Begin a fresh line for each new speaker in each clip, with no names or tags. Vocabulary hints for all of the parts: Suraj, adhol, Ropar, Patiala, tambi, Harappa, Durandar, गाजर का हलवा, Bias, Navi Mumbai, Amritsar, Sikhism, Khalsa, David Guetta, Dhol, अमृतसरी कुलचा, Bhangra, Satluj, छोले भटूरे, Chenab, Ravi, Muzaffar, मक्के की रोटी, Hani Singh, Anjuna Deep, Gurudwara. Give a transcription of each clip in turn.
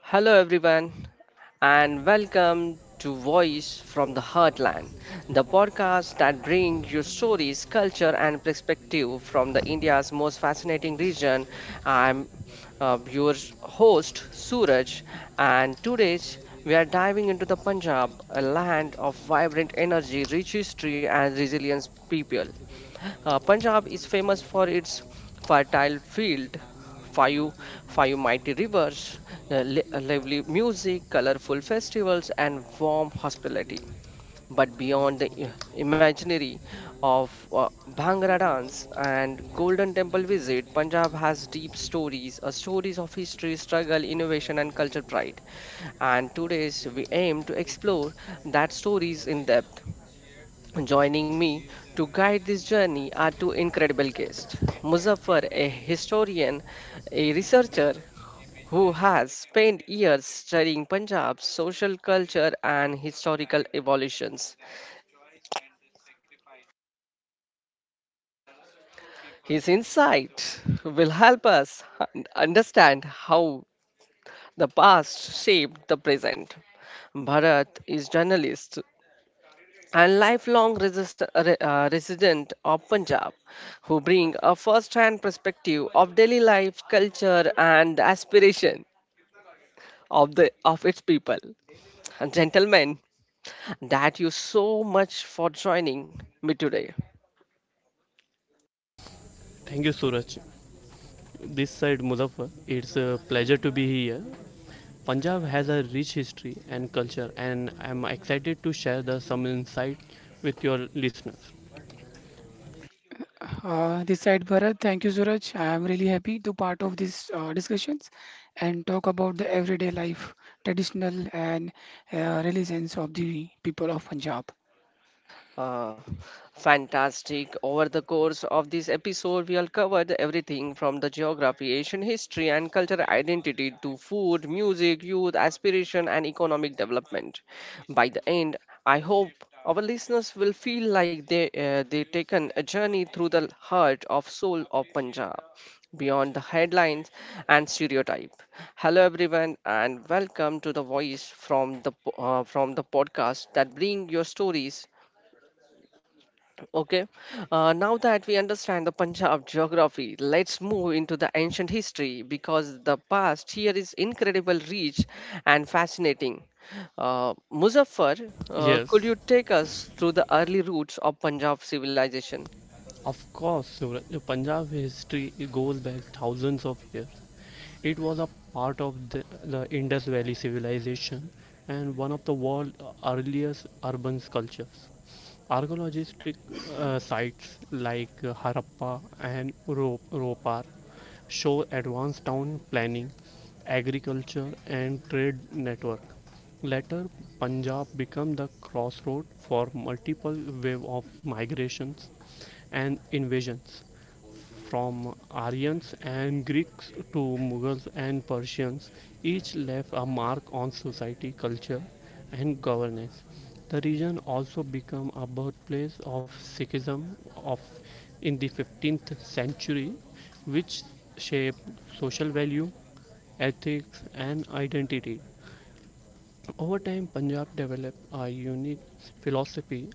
Hello, everyone, and welcome to Voice from the Heartland, the podcast that brings you stories, culture, and perspective from the India's most fascinating region. I'm your host, Suraj, and today we are diving into the Punjab, a land of vibrant energy, rich history, and resilient people. Punjab is famous for its fertile field, five, five mighty rivers, lively music, colorful festivals, and warm hospitality. But beyond the imaginary of Bhangra dance and Golden Temple visit, Punjab has deep stories, stories of history, struggle, innovation, and culture pride. And today's we aim to explore that stories in depth. Joining me to guide this journey are two incredible guests: Muzaffar, a historian, a researcher who has spent years studying Punjab's social culture and historical evolutions. His insight will help us understand how the past shaped the present. Bharat is journalist and lifelong resident of Punjab, who bring a first hand perspective of daily life, culture, and aspiration of its people. And gentlemen, that you so much for joining me today.
Thank you, Suraj. This side Muzaffar. It's a pleasure to be here. Punjab has a rich history and culture, and I'm excited to share some insight with your listeners.
This side Bharat, thank you Suraj. I am really happy to part of this discussions and talk about the everyday life, traditional and religions of the people of Punjab.
Uh, Fantastic. Over the course of this episode, we all covered everything from the geography, Asian history, and cultural identity to food, music, youth, aspiration, and economic development. By the end, I hope our listeners will feel like they taken a journey through the heart of soul of Punjab, beyond the headlines and stereotype. Hello everyone, and welcome to the voice from the from the podcast that bring your stories. Okay, now that we understand the Punjab geography, let's move into the ancient history because the past here is incredible rich and fascinating. Muzaffar, could
Yes,
you take us through the early roots of Punjab civilization?
of course, Suraj. The Punjab history goes back thousands of years. It was a part of the Indus Valley civilization and one of the world's earliest urban cultures. Archaeologistic sites like Harappa and Ropar show advanced town planning, agriculture, and trade network. Later, Punjab became the crossroad for multiple wave of migrations and invasions from Aryans and Greeks to Mughals and Persians, each left a mark on society, culture, and governance. The region also became a birthplace of Sikhism of in the 15th century, which shaped social value, ethics, and identity. Over time, Punjab developed a unique philosophy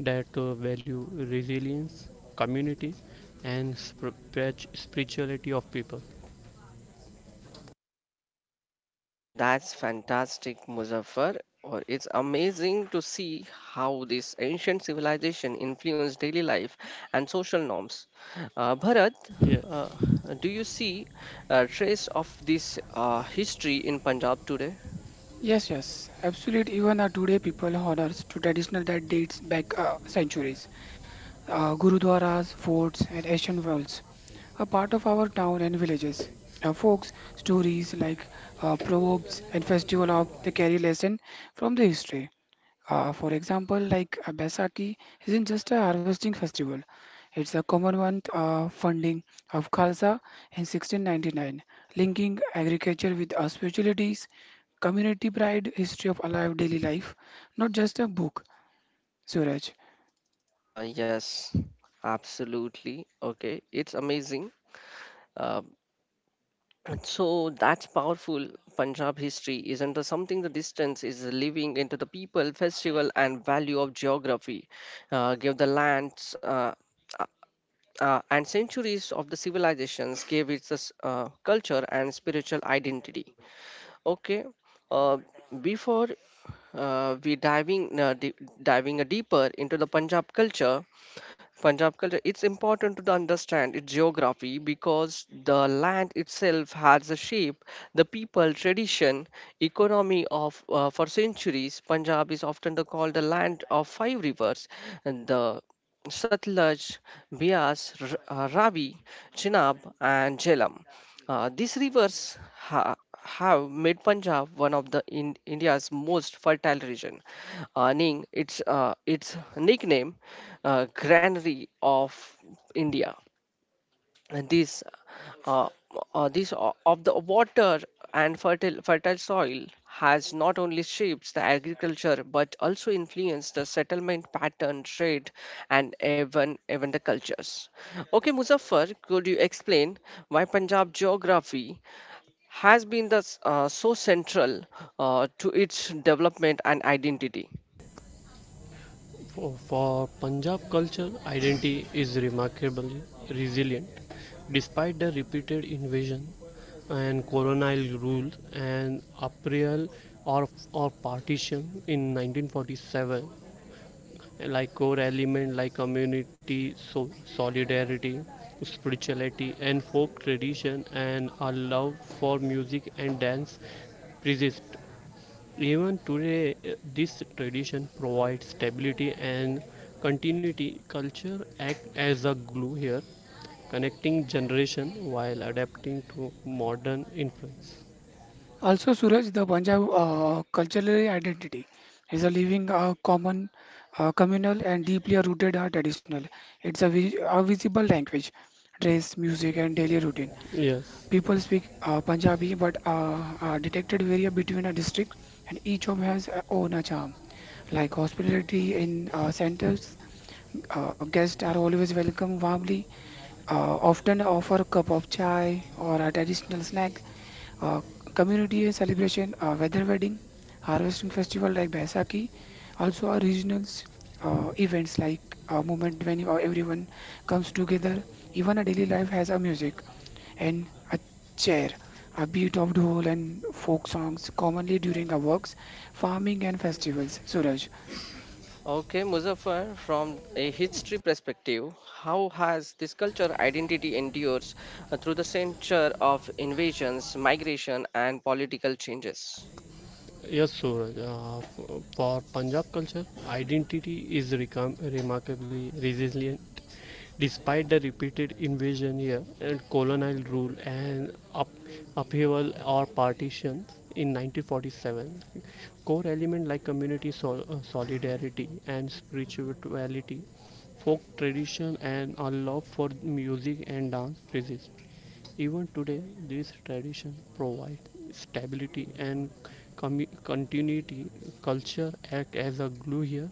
that value resilience, community, and spirituality of people.
That's fantastic, Muzaffar. Or it's amazing to see how this ancient civilization influenced daily life and social norms. Bharat,
Yes,
uh, do you see a trace of this history in Punjab today?
Yes, yes, absolute. Even today, people honors to traditional that dates back centuries. Gurudwaras, forts, and ancient wells are part of our town and villages. Now, folks, stories like proverbs and festival of the carry lesson from the history. For example, like a Baisakhi isn't just a harvesting festival, it's a Commonwealth funding of Khalsa in 1699, linking agriculture with our spiritualities, community pride, history of alive daily life, not just a book. Suraj.
Yes, absolutely. Okay, it's amazing. Uh, So that's powerful. Punjab history is under something the distance is living into the people, festival, and value of geography. Uh, give the lands uh, uh, uh, and centuries of the civilizations gave its culture and spiritual identity. Okay, uh, before we diving a deeper into the Punjab culture, it's important to understand its geography because the land itself has a shape, the people, tradition, economy of for centuries. Punjab is often called the land of five rivers, and the Satluj, Bias, Ravi, Chenab, and Jhelum. These rivers have made Punjab one of the in India's most fertile region, earning its nickname "Granary of India." And uh, this of the water and fertile soil has not only shaped the agriculture but also influenced the settlement pattern, trade, and even the cultures. Okay, Muzaffar, could you explain why Punjab geography has been so central to its development and identity.
for Punjab culture, identity is remarkably resilient. Despite the repeated invasion and colonial rule and upheaval or partition in 1947, like core element like community so solidarity spirituality and folk tradition and a love for music and dance persist even today. This tradition provides stability and continuity. Culture act as a glue here, connecting generation while adapting to modern influence.
Also, Suraj, the Punjab cultural identity is a living, communal, and deeply rooted traditional. It's a visible language, dress, music, and daily routine.
Yes.
People speak Punjabi but detected vary between a district and each job has a own a charm. Like hospitality in centers, guests are always welcome warmly, often offer a cup of chai or a traditional snack. Uh, Community celebration, weather wedding, harvesting festival like Baisakhi, also are regionals. Events like a moment when everyone comes together, even a daily life has a music and a chair, a beat of dhol and folk songs commonly during our works, farming and festivals. Suraj.
Okay, Muzaffar, from a history perspective, how has this culture identity endures through the century of invasions, migration, and political changes?
Yes, Suraj. For Punjab culture, identity is remarkably resilient. Despite the repeated invasion here and colonial rule and upheaval or partitions in 1947, core elements like community solidarity and spirituality, folk tradition, and a love for music and dance persist. Even today, this tradition provides stability and continuity. Culture acts as a glue here,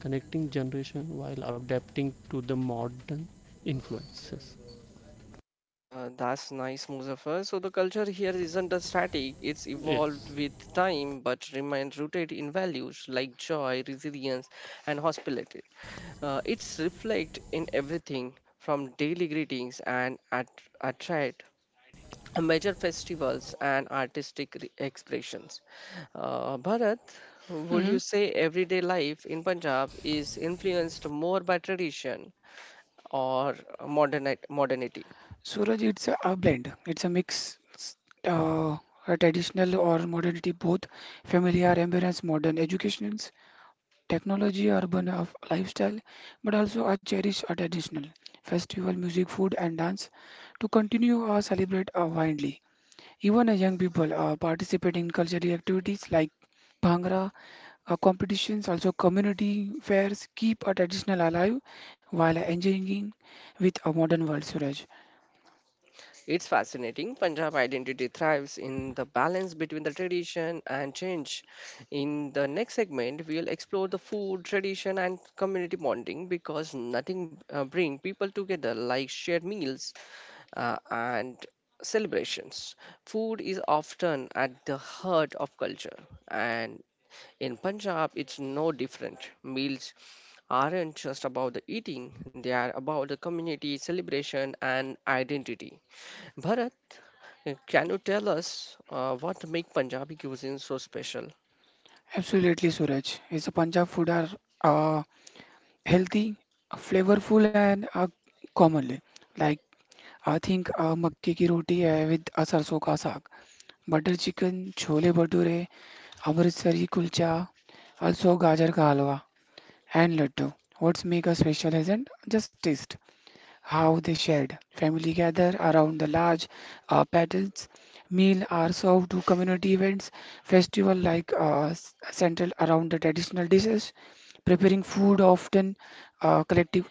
connecting generations while adapting to the modern influences.
That's nice, Muzaffar. So the culture here isn't a static; it's evolved
Yes,
with time, but remains rooted in values like joy, resilience, and hospitality. It's reflect in everything from daily greetings and at attract major festivals and artistic expressions. Bharat, would
Hmm.
you say everyday life in Punjab is influenced more by tradition or modernity?
Suraj, it's a blend. It's a mix, uh, a traditional or modernity, both familiar, ambience, modern educations, technology, urban of lifestyle, but also a cherish a traditional festival, music, food, and dance to continue or celebrate widely. Even young people participate in cultural activities like Bhangra competitions, also community fairs, keep a traditional alive while engaging with a modern world, Suraj.
It's fascinating. Punjab identity thrives in the balance between the tradition and change. In the next segment, we'll explore the food, tradition, and community bonding because nothing bring people together like shared meals and celebrations. Food is often at the heart of culture, and in Punjab, it's no different. Meals aren't just about the eating, they are about the community, celebration, and identity. Bharat, can you tell us what make Punjabi cuisine so special?
Absolutely, Suraj. Is a Punjab food are uh, healthy, flavorful, and commonly. Like I think मक्के की रोटी है with सरसों का साग, butter chicken, छोले भटूरे, अमृतसरी कुलचा, also गाजर का हलवा and laddu. What's make a special isn't just taste. How they shared. Family gather around the large paddles. Meal are served to community events. Festival like central around the traditional dishes. Preparing food often uh, collective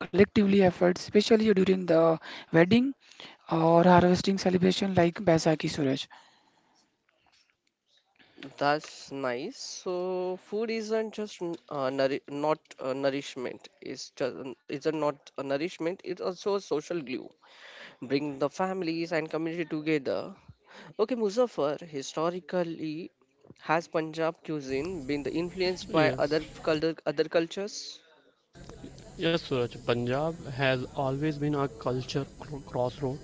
collectively efforts, especially during the wedding or harvesting celebration like Baisakhi. Suraj.
That's nice. So food isn't just n- nouri- not nourishment. It's just it's a not a nourishment. It's also a social glue. Bring the families and community together. Okay, Muzaffar, historically, has Punjab cuisine been influenced by
yes,
other cultures?
yes, Suraj. Punjab has always been a culture crossroad.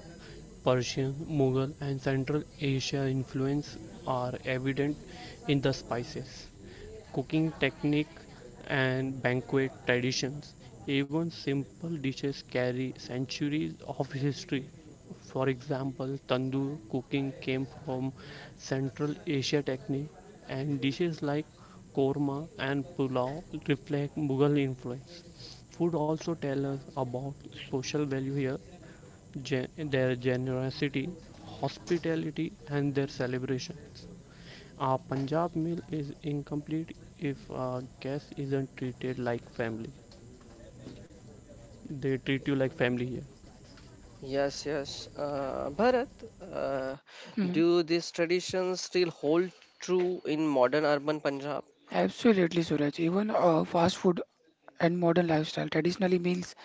Persian, Mughal, and Central Asia influence are evident in the spices, cooking technique and banquet traditions. Even simple dishes carry centuries of history. For example, tandoor cooking came from Central Asia technique, and dishes like korma and pulao reflect Mughal influence. Food also tells us about social value here, their generosity, hospitality, and their celebrations. A Punjab meal is incomplete if a guest isn't treated like family. They treat you like family here.
Yes, yes. Bharat, uh,
Hmm.
do these traditions still hold true in modern urban Punjab?
Absolutely, Suraj. Even fast food and modern lifestyle, traditionally meals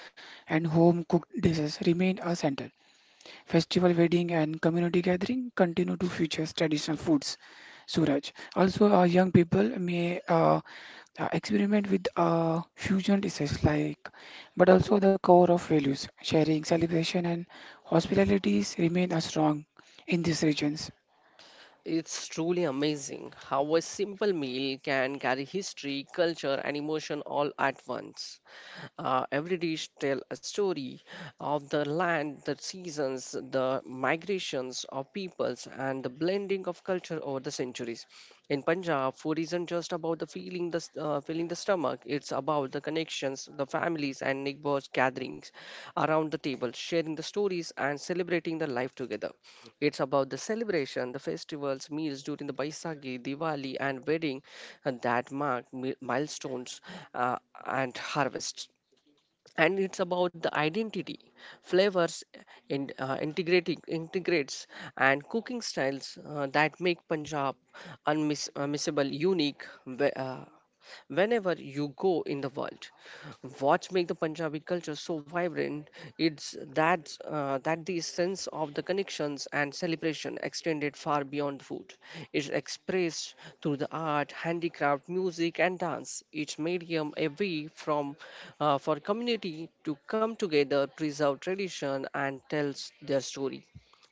and home cooked dishes remain a center. Festival, wedding, and community gathering continue to feature traditional foods. Suraj. Also, young people may experiment with fusion dishes like, but also the core of values, sharing, celebration, and hospitalities remain as strong in these regions.
It's truly amazing how a simple meal can carry history, culture, and emotion all at once. Every dish tells a story of the land, the seasons, the migrations of peoples, and the blending of culture over the centuries. In Punjab, food isn't just about the feeling, the s- filling the stomach. It's about the connections, the families, and neighbors gatherings around the table, sharing the stories and celebrating the life together. It's about the celebration, the festivals, meals during the Baisakhi, Diwali, and wedding that mark milestones uh, and harvests. And it's about the identity, flavors, integrating integrates, and cooking styles that make Punjab unmissable, unique, whenever you go in the world. What makes the Punjabi culture so vibrant? It's that the sense of the connections and celebration extended far beyond food. It's expressed through the art, handicraft, music, and dance. Each medium a way from for community to come together, preserve tradition, and tells their story.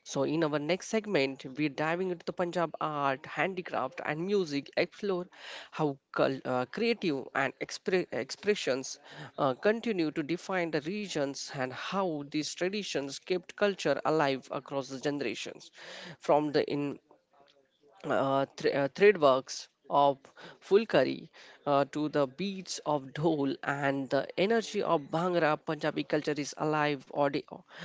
So, in our next segment, we're diving into the Punjab art, handicraft, and music, explore how creative and expressions continue to define the regions and how these traditions kept culture alive across the generations. From the thread works of Fulkari to the beats of Dhol and the energy of Bhangra, Punjabi culture is alive,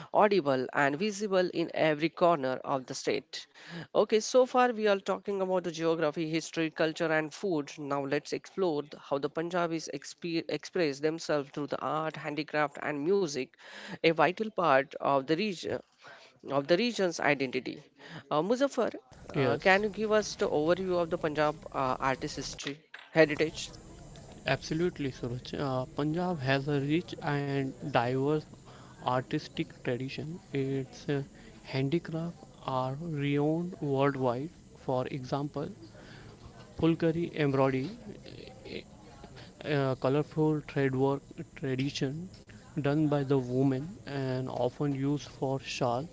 audible, and visible in every corner of the state. Okay, so far we are talking about the geography, history, culture, and food. Now let's explore how the Punjabis express themselves through the art, handicraft, and music, a vital part of the region of the region's identity. Muzaffar, can
Yes,
you give us the overview of the Punjab artist history heritage?
absolutely, Suraj. Punjab has a rich and diverse artistic tradition. Its handicraft are renowned worldwide. For example, Fulkari embroidery, colorful thread work tradition done by the women and often used for shawl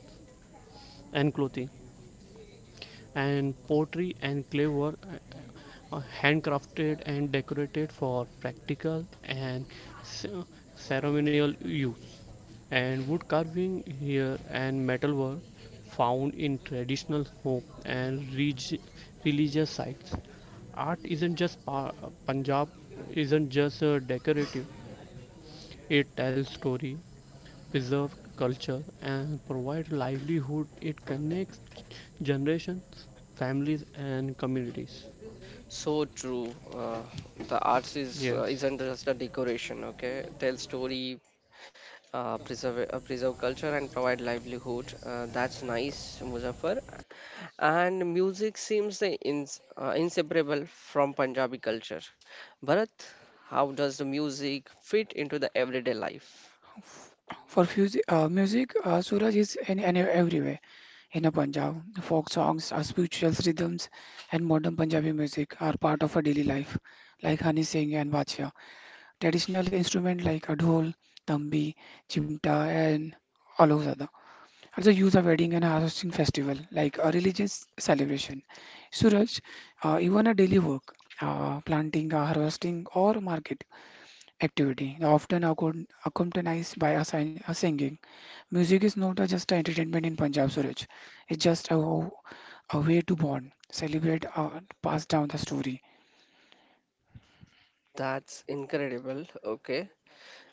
and clothing, and pottery and clay were handcrafted and decorated for practical and ceremonial use, and wood carving here and metal were found in traditional home and religious sites. Art isn't just pa- Punjab isn't just decorative. It tells story, preserves culture, and provides livelihood. It connects generations, families, and communities.
So true. The arts is
Yes,
isn't just a decoration. Okay, tell story, preserve culture, and provide livelihood. That's nice, Muzaffar. And music seems the inseparable from Punjabi culture. Bharat, how does the music fit into the everyday life?
For music, Suraj is in everywhere. In a Punjab, folk songs, spiritual rhythms, and modern Punjabi music are part of our daily life, like Hani Singh and Bachcha. Traditional instruments like adhol, tambi, chimta, and all those alozada also used at wedding and harvesting festival like a religious celebration. Suraj, even a daily work, planting, harvesting, or market activity, often accompanied by a singing. Music is not a, just an entertainment in Punjab, Suraj. It's just a way to bond, celebrate, pass down the story.
That's incredible. Okay.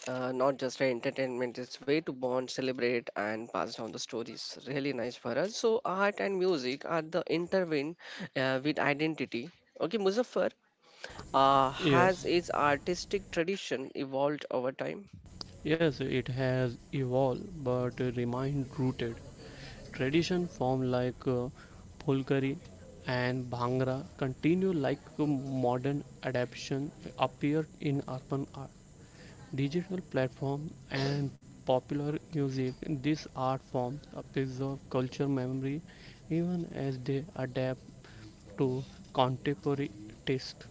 Not just a entertainment, it's way to bond, celebrate and pass down the stories, really nice for us. So art and music are the intertwined with identity. Okay, Muzaffar, has
yes,
its artistic tradition evolved over time?
yes. It has evolved, but remained rooted. Tradition form like Pholkari and Bhangra continue, like modern adaptation appear in urban art. Digital platform and popular music, this art form preserve culture memory even as they adapt to contemporary taste.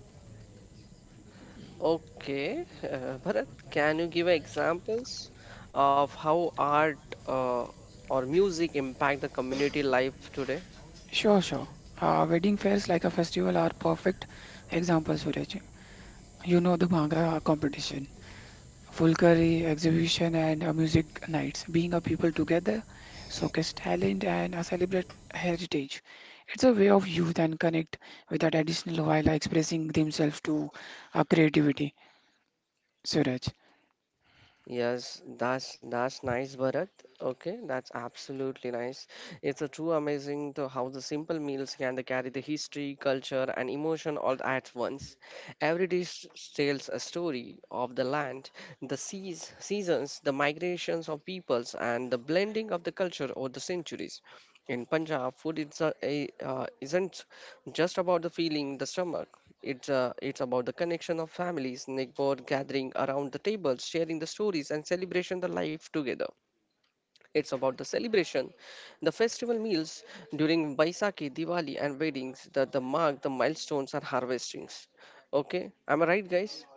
Okay, Bharat, can you give examples of how art or music impact the community life today?
Sure, sure. Wedding fairs like a festival are perfect examples, Suraj. You know the Bhangra competition, Fulkari exhibition, and music nights. Being a people together, showcase talent and celebrate heritage. It's a way of youth and connect with that additional while expressing themselves to creativity, Suraj.
Yes, that's nice, Bharat. Okay, that's absolutely nice. It's a true amazing to how the simple meals can they carry the history, culture, and emotion all at once. Every dish tells a story of the land, the seas, seasons, the migrations of peoples, and the blending of the culture over the centuries. In Punjab, food is isn't just about the feeling in the stomach. It's about the connection of families, neighbor gathering around the table, sharing the stories and celebration the life together. It's about the celebration, the festival meals during Baisakhi, Diwali, and weddings that the mark the milestones and harvestings. Okay, am I right, guys?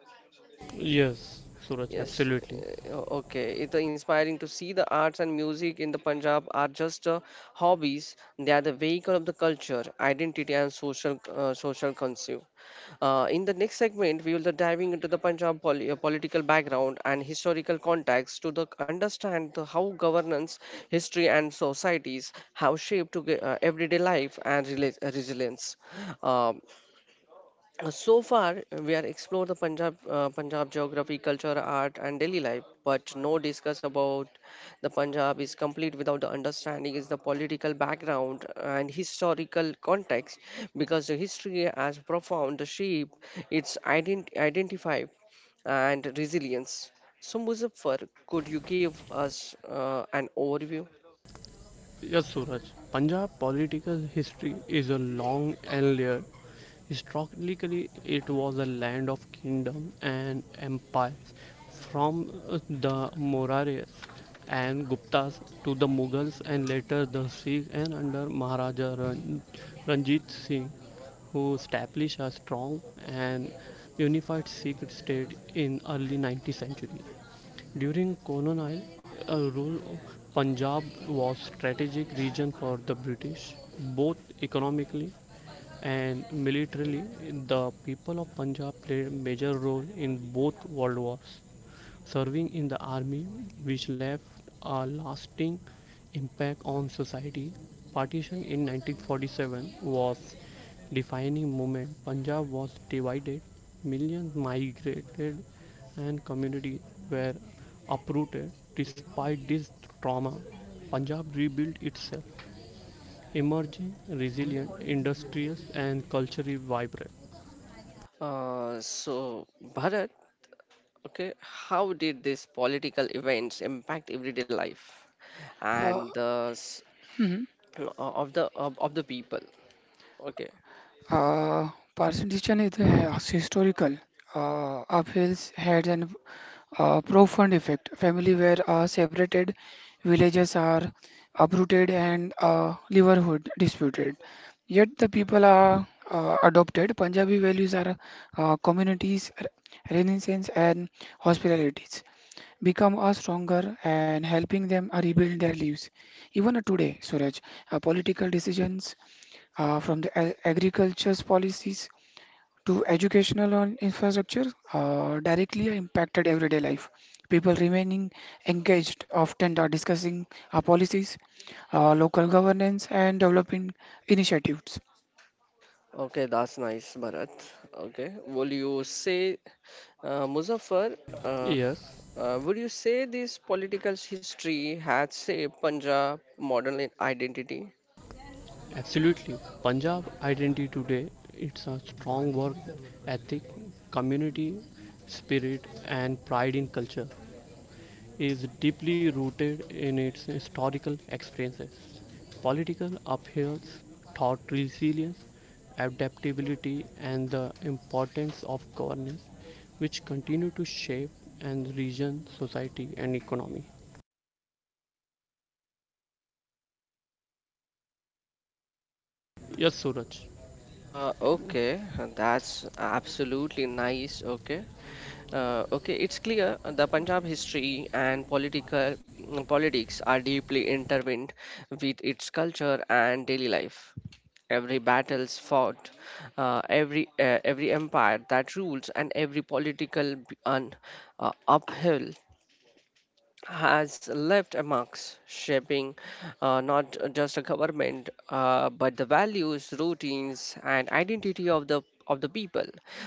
Yes, Suraj,
Yes.
absolutely.
Okay. It's inspiring to see the arts and music in the Punjab are just hobbies. They are the vehicle of the culture, identity, and social conceive. In the next segment, we will be diving into the Punjab political background and historical context to the, understand the, how governance, history, and societies have shaped to, everyday life and resilience. Um So far, we are explored the Punjab, Punjab geography, culture, art, and daily life, but no discuss about the Punjab is complete without the understanding is the political background and historical context, because the history has profound shape its identify and resilience. So, Muzaffar, could you give us an overview?
Yes, Suraj. Punjab political history is a long and layered. Historically, it was a land of kingdoms and empires, from the Mauryaas and Guptas to the Mughals and later the Sikhs, and under Maharaja Ranjit Singh, who established a strong and unified Sikh state in early 19th century. During colonial rule, Punjab was strategic region for the British, both economically and militarily. The people of Punjab played major role in both world wars, serving in the army, which left a lasting impact on society. Partition in 1947 was a defining moment. Punjab was divided, millions migrated, and communities were uprooted. Despite this trauma, Punjab rebuilt itself, emerging resilient, industrious, and culturally vibrant.
So, Bharat, okay, how did these political events impact everyday life
Uh,
and the s-
mhm.
o- of the people? Okay,
Uh, Parsi is historical. Upheavals had an profound effect. Family were separated, villages are uprooted, and livelihood disputed. Yet the people are adopted. Punjabi values are communities, renaissance, and hospitalities become a stronger and helping them rebuild their lives. Even today, Suraj, political decisions from the agriculture's policies to educational and infrastructure directly impacted everyday life. People remaining engaged often are discussing our policies, local governance, and developing initiatives.
okay, that's nice, Bharat. Okay, will you say, Muzaffar? Uh,
Yes.
would you say this political history had shaped Punjab modern identity?
Absolutely. Punjab identity today, it's a strong work ethic, community spirit and pride in culture, is deeply rooted in its historical experiences. Political upheavals taught resilience, adaptability and the importance of governance, which continue to shape and region society and economy. Yes, Suraj.
Okay, that's absolutely nice. Okay, okay, it's clear the Punjab history and politics are deeply intertwined with its culture and daily life. Every battles fought, every empire that rules, and every uphill has left a marks shaping not just a government but the values routines and identity of the people.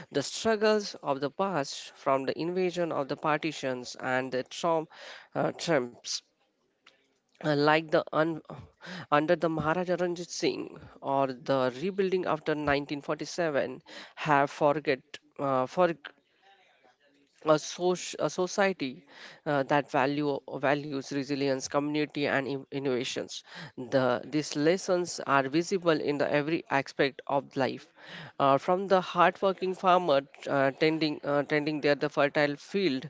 The struggles of the past from the invasion of the partitions and the trumps, uh, like the un- under the Maharaja Ranjit Singh or the rebuilding after 1947 have forget for a society that values resilience community and innovations. These lessons are visible in the every aspect of life, from the hardworking farmer tending the fertile field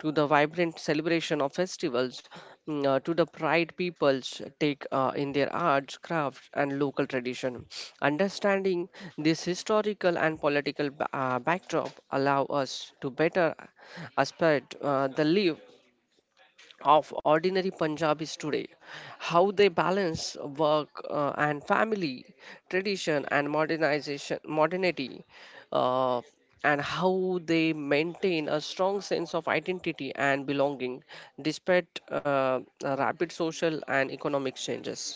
to the vibrant celebration of festivals, to the pride peoples take in their arts crafts and local tradition. Understanding this historical and political backdrop allow us to better aspect the live of ordinary Punjabis today, how they balance work and family, tradition and modernity, uh, and how they maintain a strong sense of identity and belonging despite rapid social and economic changes.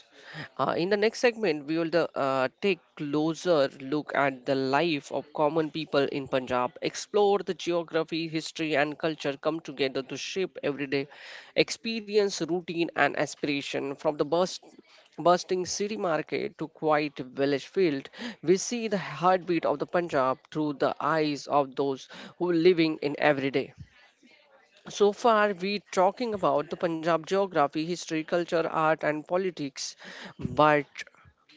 In the next segment, we will take closer look at the life of common people in Punjab, explore the geography, history, and culture come together to shape everyday experience routine and aspiration from the bursting city market to quiet village field. We see the heartbeat of the Punjab through the eyes of those who living in everyday. So far, we talking about the Punjab geography, history, culture, art, and politics, but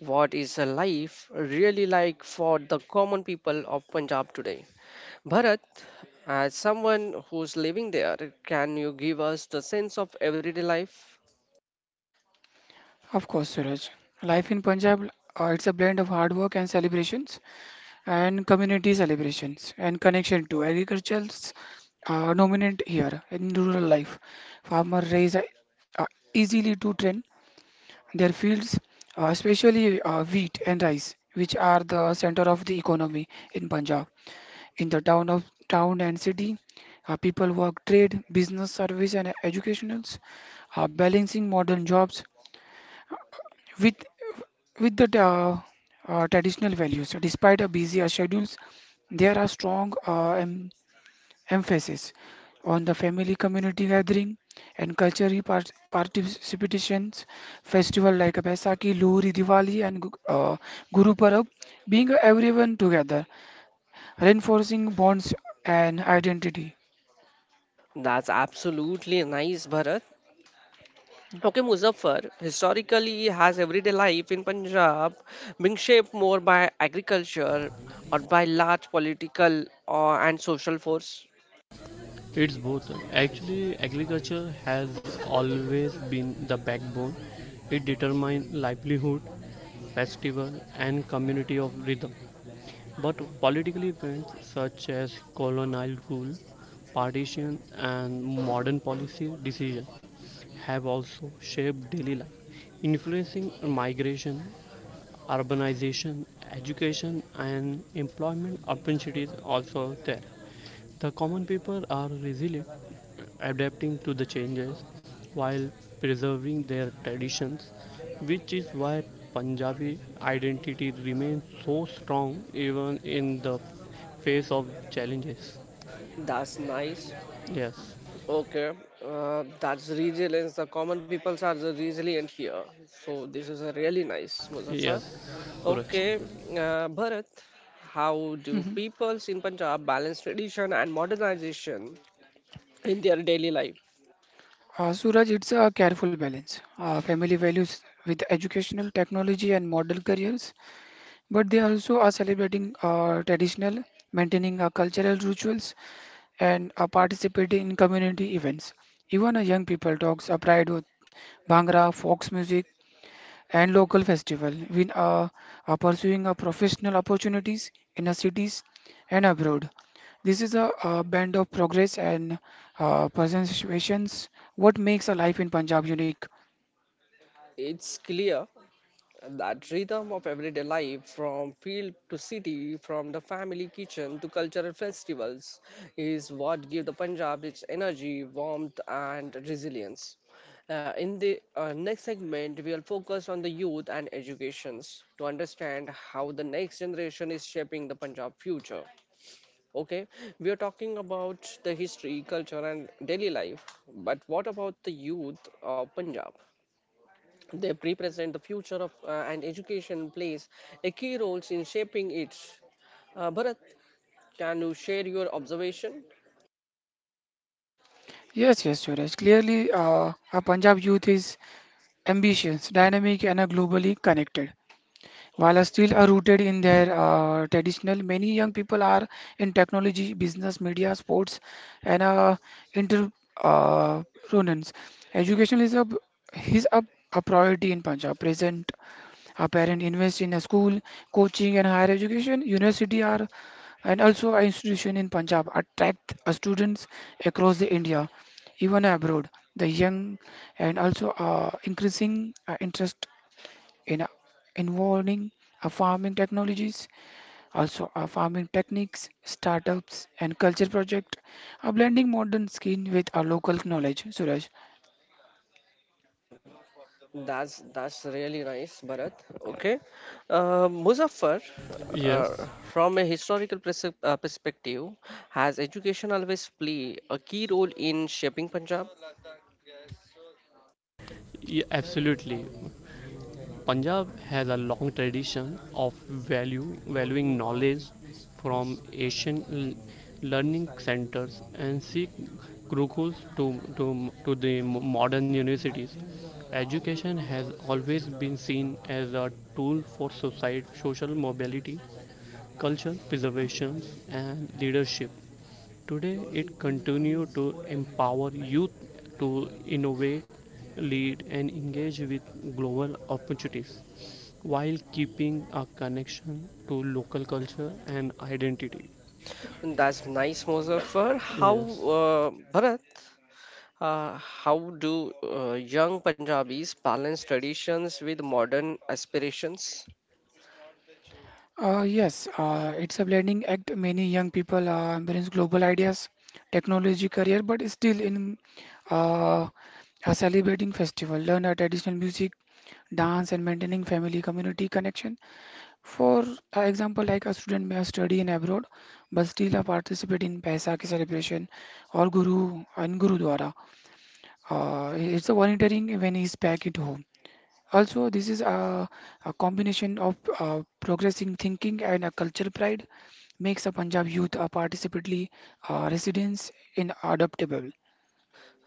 what is life really like for the common people of Punjab today? Bharat, as someone who's living there, can you give us the sense of everyday life?
Of course, Suraj. Life in Punjab, it's a blend of hard work and celebrations, and community celebrations, and connection to agriculture's dominant here in rural life. Farmer raise uh, easily to trend their fields, especially wheat and rice, which are the center of the economy in Punjab. In the town and city, people work trade, business, service, and educationals, balancing modern jobs with with the traditional values. Despite a busy schedules, there are strong emphasis on the family community gathering and cultural participations. Festival like Baisakhi, Lohri, Diwali, and Guru Parab being everyone together, reinforcing bonds and identity.
That's absolutely nice, Bharat. Okay, Muzaffar, historically has everyday life in Punjab been shaped more by agriculture or by large and social force?
It's both. Actually, agriculture has always been the backbone. It determines livelihood, festival, and community of rhythm. But political events such as colonial rule, partition, and modern policy decisions have also shaped daily life, influencing migration, urbanization, education, and employment opportunities also there. The common people are resilient, adapting to the changes while preserving their traditions, which is why Punjabi identity remains so strong even in the face of challenges.
That's nice.
Yes,
Okay, that's resilience. The common peoples are the resilient here. So this is a really nice, Muzaffar.
yes, Suraj.
Okay, Bharat, how do
Mhm.
peoples in Punjab balance tradition and modernization in their daily life?
Suraj, it's a careful balance. Family values with educational, technology, and model careers, but they also are celebrating traditional, maintaining our cultural rituals, and are participating in community events. Even a young people talks are pride with Bhangra, fox music, and local festival. We are pursuing a professional opportunities in our cities and abroad. This is a band of progress and present situations. What makes a life in Punjab unique?
It's clear. And that rhythm of everyday life from field to city from the family kitchen to cultural festivals is what give the punjab its energy warmth and resilience. In the next segment we will focus on the youth and educations to understand how the next generation is shaping the punjab future. Okay, we are talking about the history culture and daily life but what about the youth of punjab? They represent the future of and education plays a key role in shaping it. Bharat, can you share your observation?
Yes, yes, Suraj. Clearly, a Punjab youth is ambitious, dynamic, and are globally connected. While are still are rooted in their traditional, many young people are in technology, business, media, sports, and entrepreneurs. Education is a priority in Punjab. Present, our parents invest in a school, coaching, and higher education. University are and also our institution in Punjab attract students across the India, even abroad. The young and also increasing interest in involving our farming technologies, also our farming techniques, startups, and culture project, a blending modern skill with our local knowledge. Suraj,
Uh, that's really nice, Bharat. Okay, Muzaffar,
Yes,
from a historical perspective, has education always play a key role in shaping Punjab?
yeah, absolutely. Punjab has a long tradition of valuing knowledge from Asian learning centers and Sikh gurukuls to the modern universities. Education has always been seen as a tool for social mobility, culture preservation, and leadership. Today, it continues to empower youth to innovate, lead, and engage with global opportunities while keeping a connection to local culture and identity.
That's nice, Muzaffar. How,
Yes.
Bharat? How do young Punjabis balance traditions with modern aspirations?
yes, it's a blending act. Many young people embrace global ideas, technology career, but still in uh, a celebrating festival, learn our traditional music, dance, and maintaining family community connection. For example, like a student may have study in abroad, but still participate in Paisakhi celebration or Guru and Gurudwara. It's a volunteering when he's back at home. Also, this is a combination of progressing thinking and a cultural pride makes a Punjab youth a participately residents in adaptable.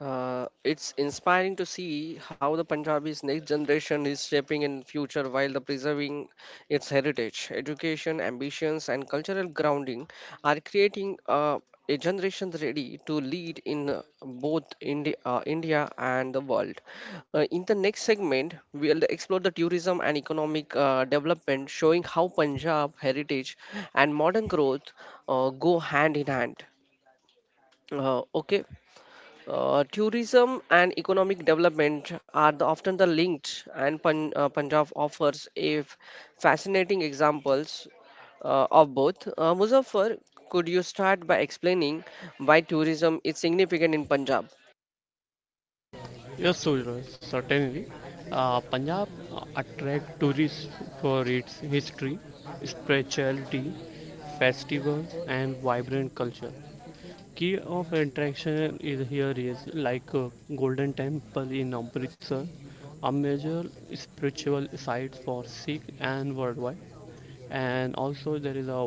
It's inspiring to see how the Punjabi's next generation is shaping in future while the preserving its heritage, education, ambitions, and cultural grounding are creating a generation ready to lead in both India and the world. In the next segment, we'll explore the tourism and economic development, showing how Punjab heritage and modern growth go hand in hand. Okay, tourism and economic development are often the linked, and Punjab offers a fascinating examples of both. Muzaffar, could you start by explaining why tourism is significant in Punjab?
Yes, Suraj, certainly. Punjab attract tourists for its history, spirituality, festival, and vibrant culture. Key of attraction is here is like Golden Temple in Amritsar, a major spiritual site for Sikh and worldwide. And also there is a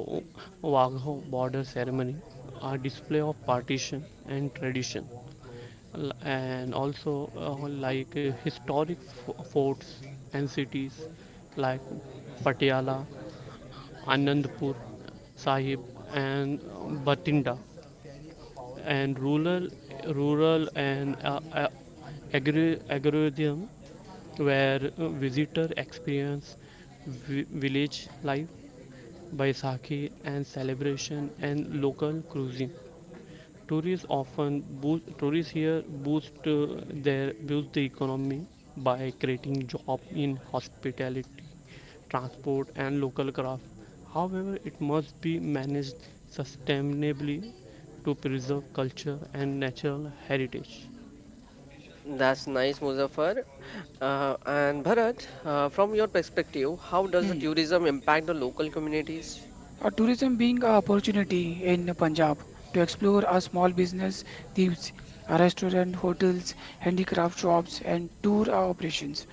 Wagho border ceremony, a display of partition and tradition. And also like historic forts and cities like Patiala, Anandpur Sahib, and Batinda, and rural and agrarian, where visitor experience village life, Baisakhi and celebration and local cuisine. Tourists here boost the economy by creating jobs in hospitality, transport, and local craft. However, it must be managed sustainably to preserve culture and natural heritage.
That's nice, Muzaffar. And Bharat, from your perspective, how does the
Hmm.
tourism impact the local communities?
Tourism being an opportunity in Punjab to explore a small business, these restaurant, hotels, handicraft shops, and tour operations,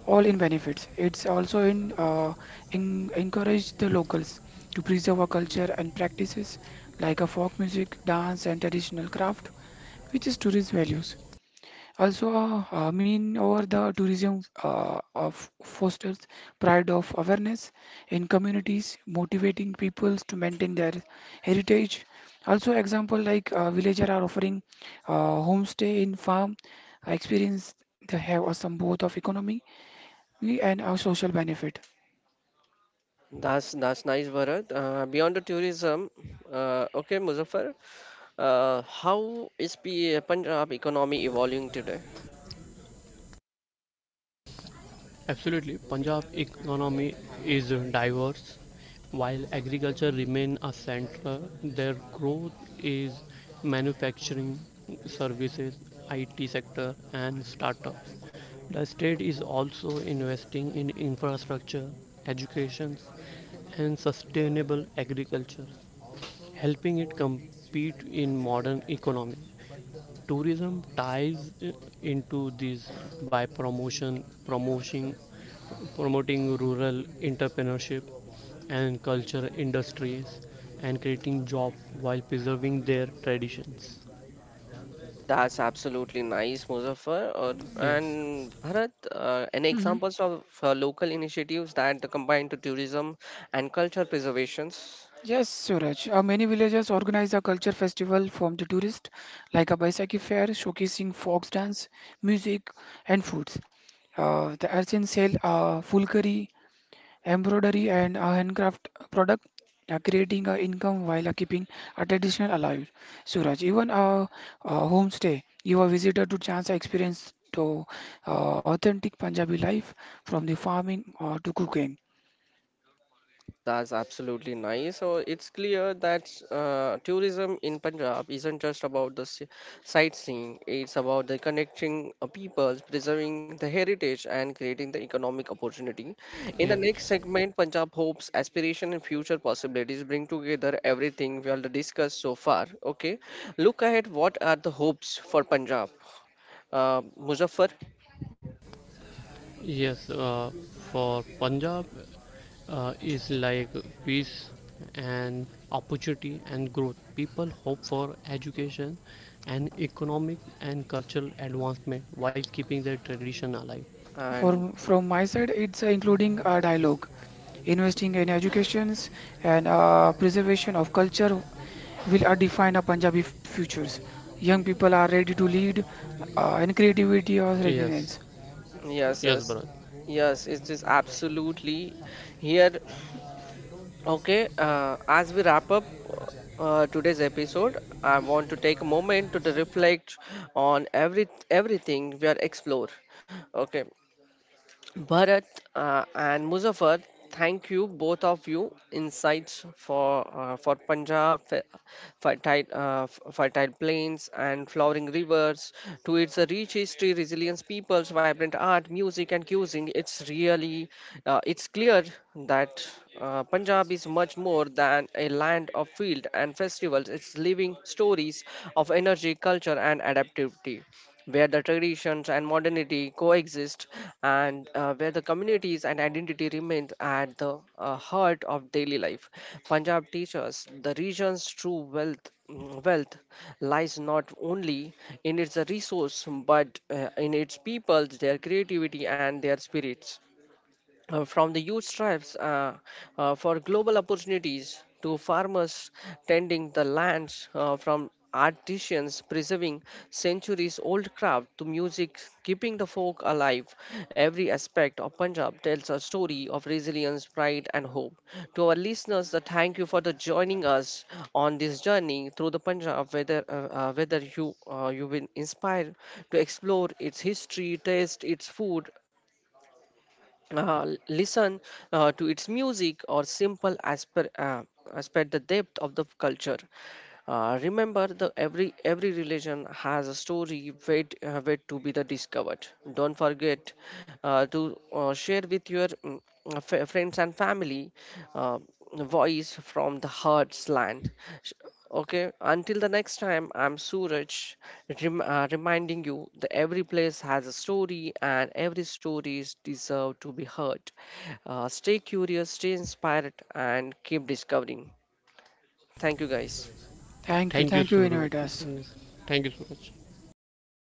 all in benefits. It's also in encourage the locals to preserve our culture and practices like a folk music, dance, and traditional craft, which is tourist values. Also, I mean, over the tourism of fosters pride of awareness in communities, motivating peoples to maintain their heritage. Also, example like villager are offering uh, homestay in farm experience. They have some both of economy and a social benefit.
That's nice, Bharat. Beyond the tourism, okay, Muzaffar, how is Punjab economy evolving today?
Absolutely. Punjab economy is diverse. While agriculture remain a center, their growth is manufacturing, services, IT sector and startups. The state is also investing in infrastructure, education and sustainable agriculture, helping it compete in modern economy. Tourism ties into this by promotion promoting promoting rural entrepreneurship and culture industries and creating jobs while preserving their traditions.
That's absolutely nice, Muzaffar.
Yes,
And Bharat, any
Mhm.
examples of local initiatives that combine to tourism and culture preservations?
Yes, Suraj. Many villages organize a culture festival from the tourist, like a Baisakhi fair showcasing folk dance, music, and foods. The artisans sell fulkari, embroidery, and handcraft product, creating income while keeping a traditional alive. Suraj, even a homestay, give a visitor to chance experience to authentic Punjabi life from the farming to cooking.
That's absolutely nice. So it's clear that tourism in Punjab isn't just about the sightseeing, it's about the connecting peoples, preserving the heritage, and creating the economic opportunity. In the
yes,
next segment, Punjab hopes, aspiration, and future possibilities bring together everything we have discussed so far. Okay, look ahead. What are the hopes for Punjab? Muzaffar,
yes. For Punjab is like peace and opportunity and growth. People hope for education and economic and cultural advancement while keeping their tradition alive.
and
From my side, it's including a dialogue, investing in educations and preservation of culture will define a Punjabi futures. Young people are ready to lead in creativity or
Yes,
readiness.
yes,
yes,
yes,
Bharat.
yes, it is absolutely here. Okay, as we wrap up today's episode, I want to take a moment to the reflect on everything we are explore. Okay, Bharat and Muzaffar, thank you both of you insights for Punjab fertile plains and flowering rivers to its rich history, resilience, peoples, vibrant art, music and cuisine. It's really it's clear that Punjab is much more than a land of field and festivals. It's living stories of energy, culture and adaptivity where the traditions and modernity coexist and where the communities and identity remain at the heart of daily life. Punjab teaches the region's true wealth lies not only in its resource but in its people, their creativity and their spirits, from the youth tribes for global opportunities to farmers tending the lands, from artisans preserving centuries old craft to music keeping the folk alive. Every aspect of punjab tells a story of resilience pride and hope to our listeners. The thank you for the joining us on this journey through the punjab, whether you you will inspire to explore its history taste its food, listen to its music or simple aspir aspect the depth of the culture. Remember the every religion has a story wait to be the discovered. Don't forget to share with your friends and family. Uh, Voice from the heart's land. Sh- Okay, until the next time, I'm Suraj, reminding you that every place has a story and every story is deserved to be heard. Stay curious, stay inspired, and keep discovering. Thank you, guys.
Thank you,
Thank you,
Suraj.
innovators.
Thank you, Suraj. Fine.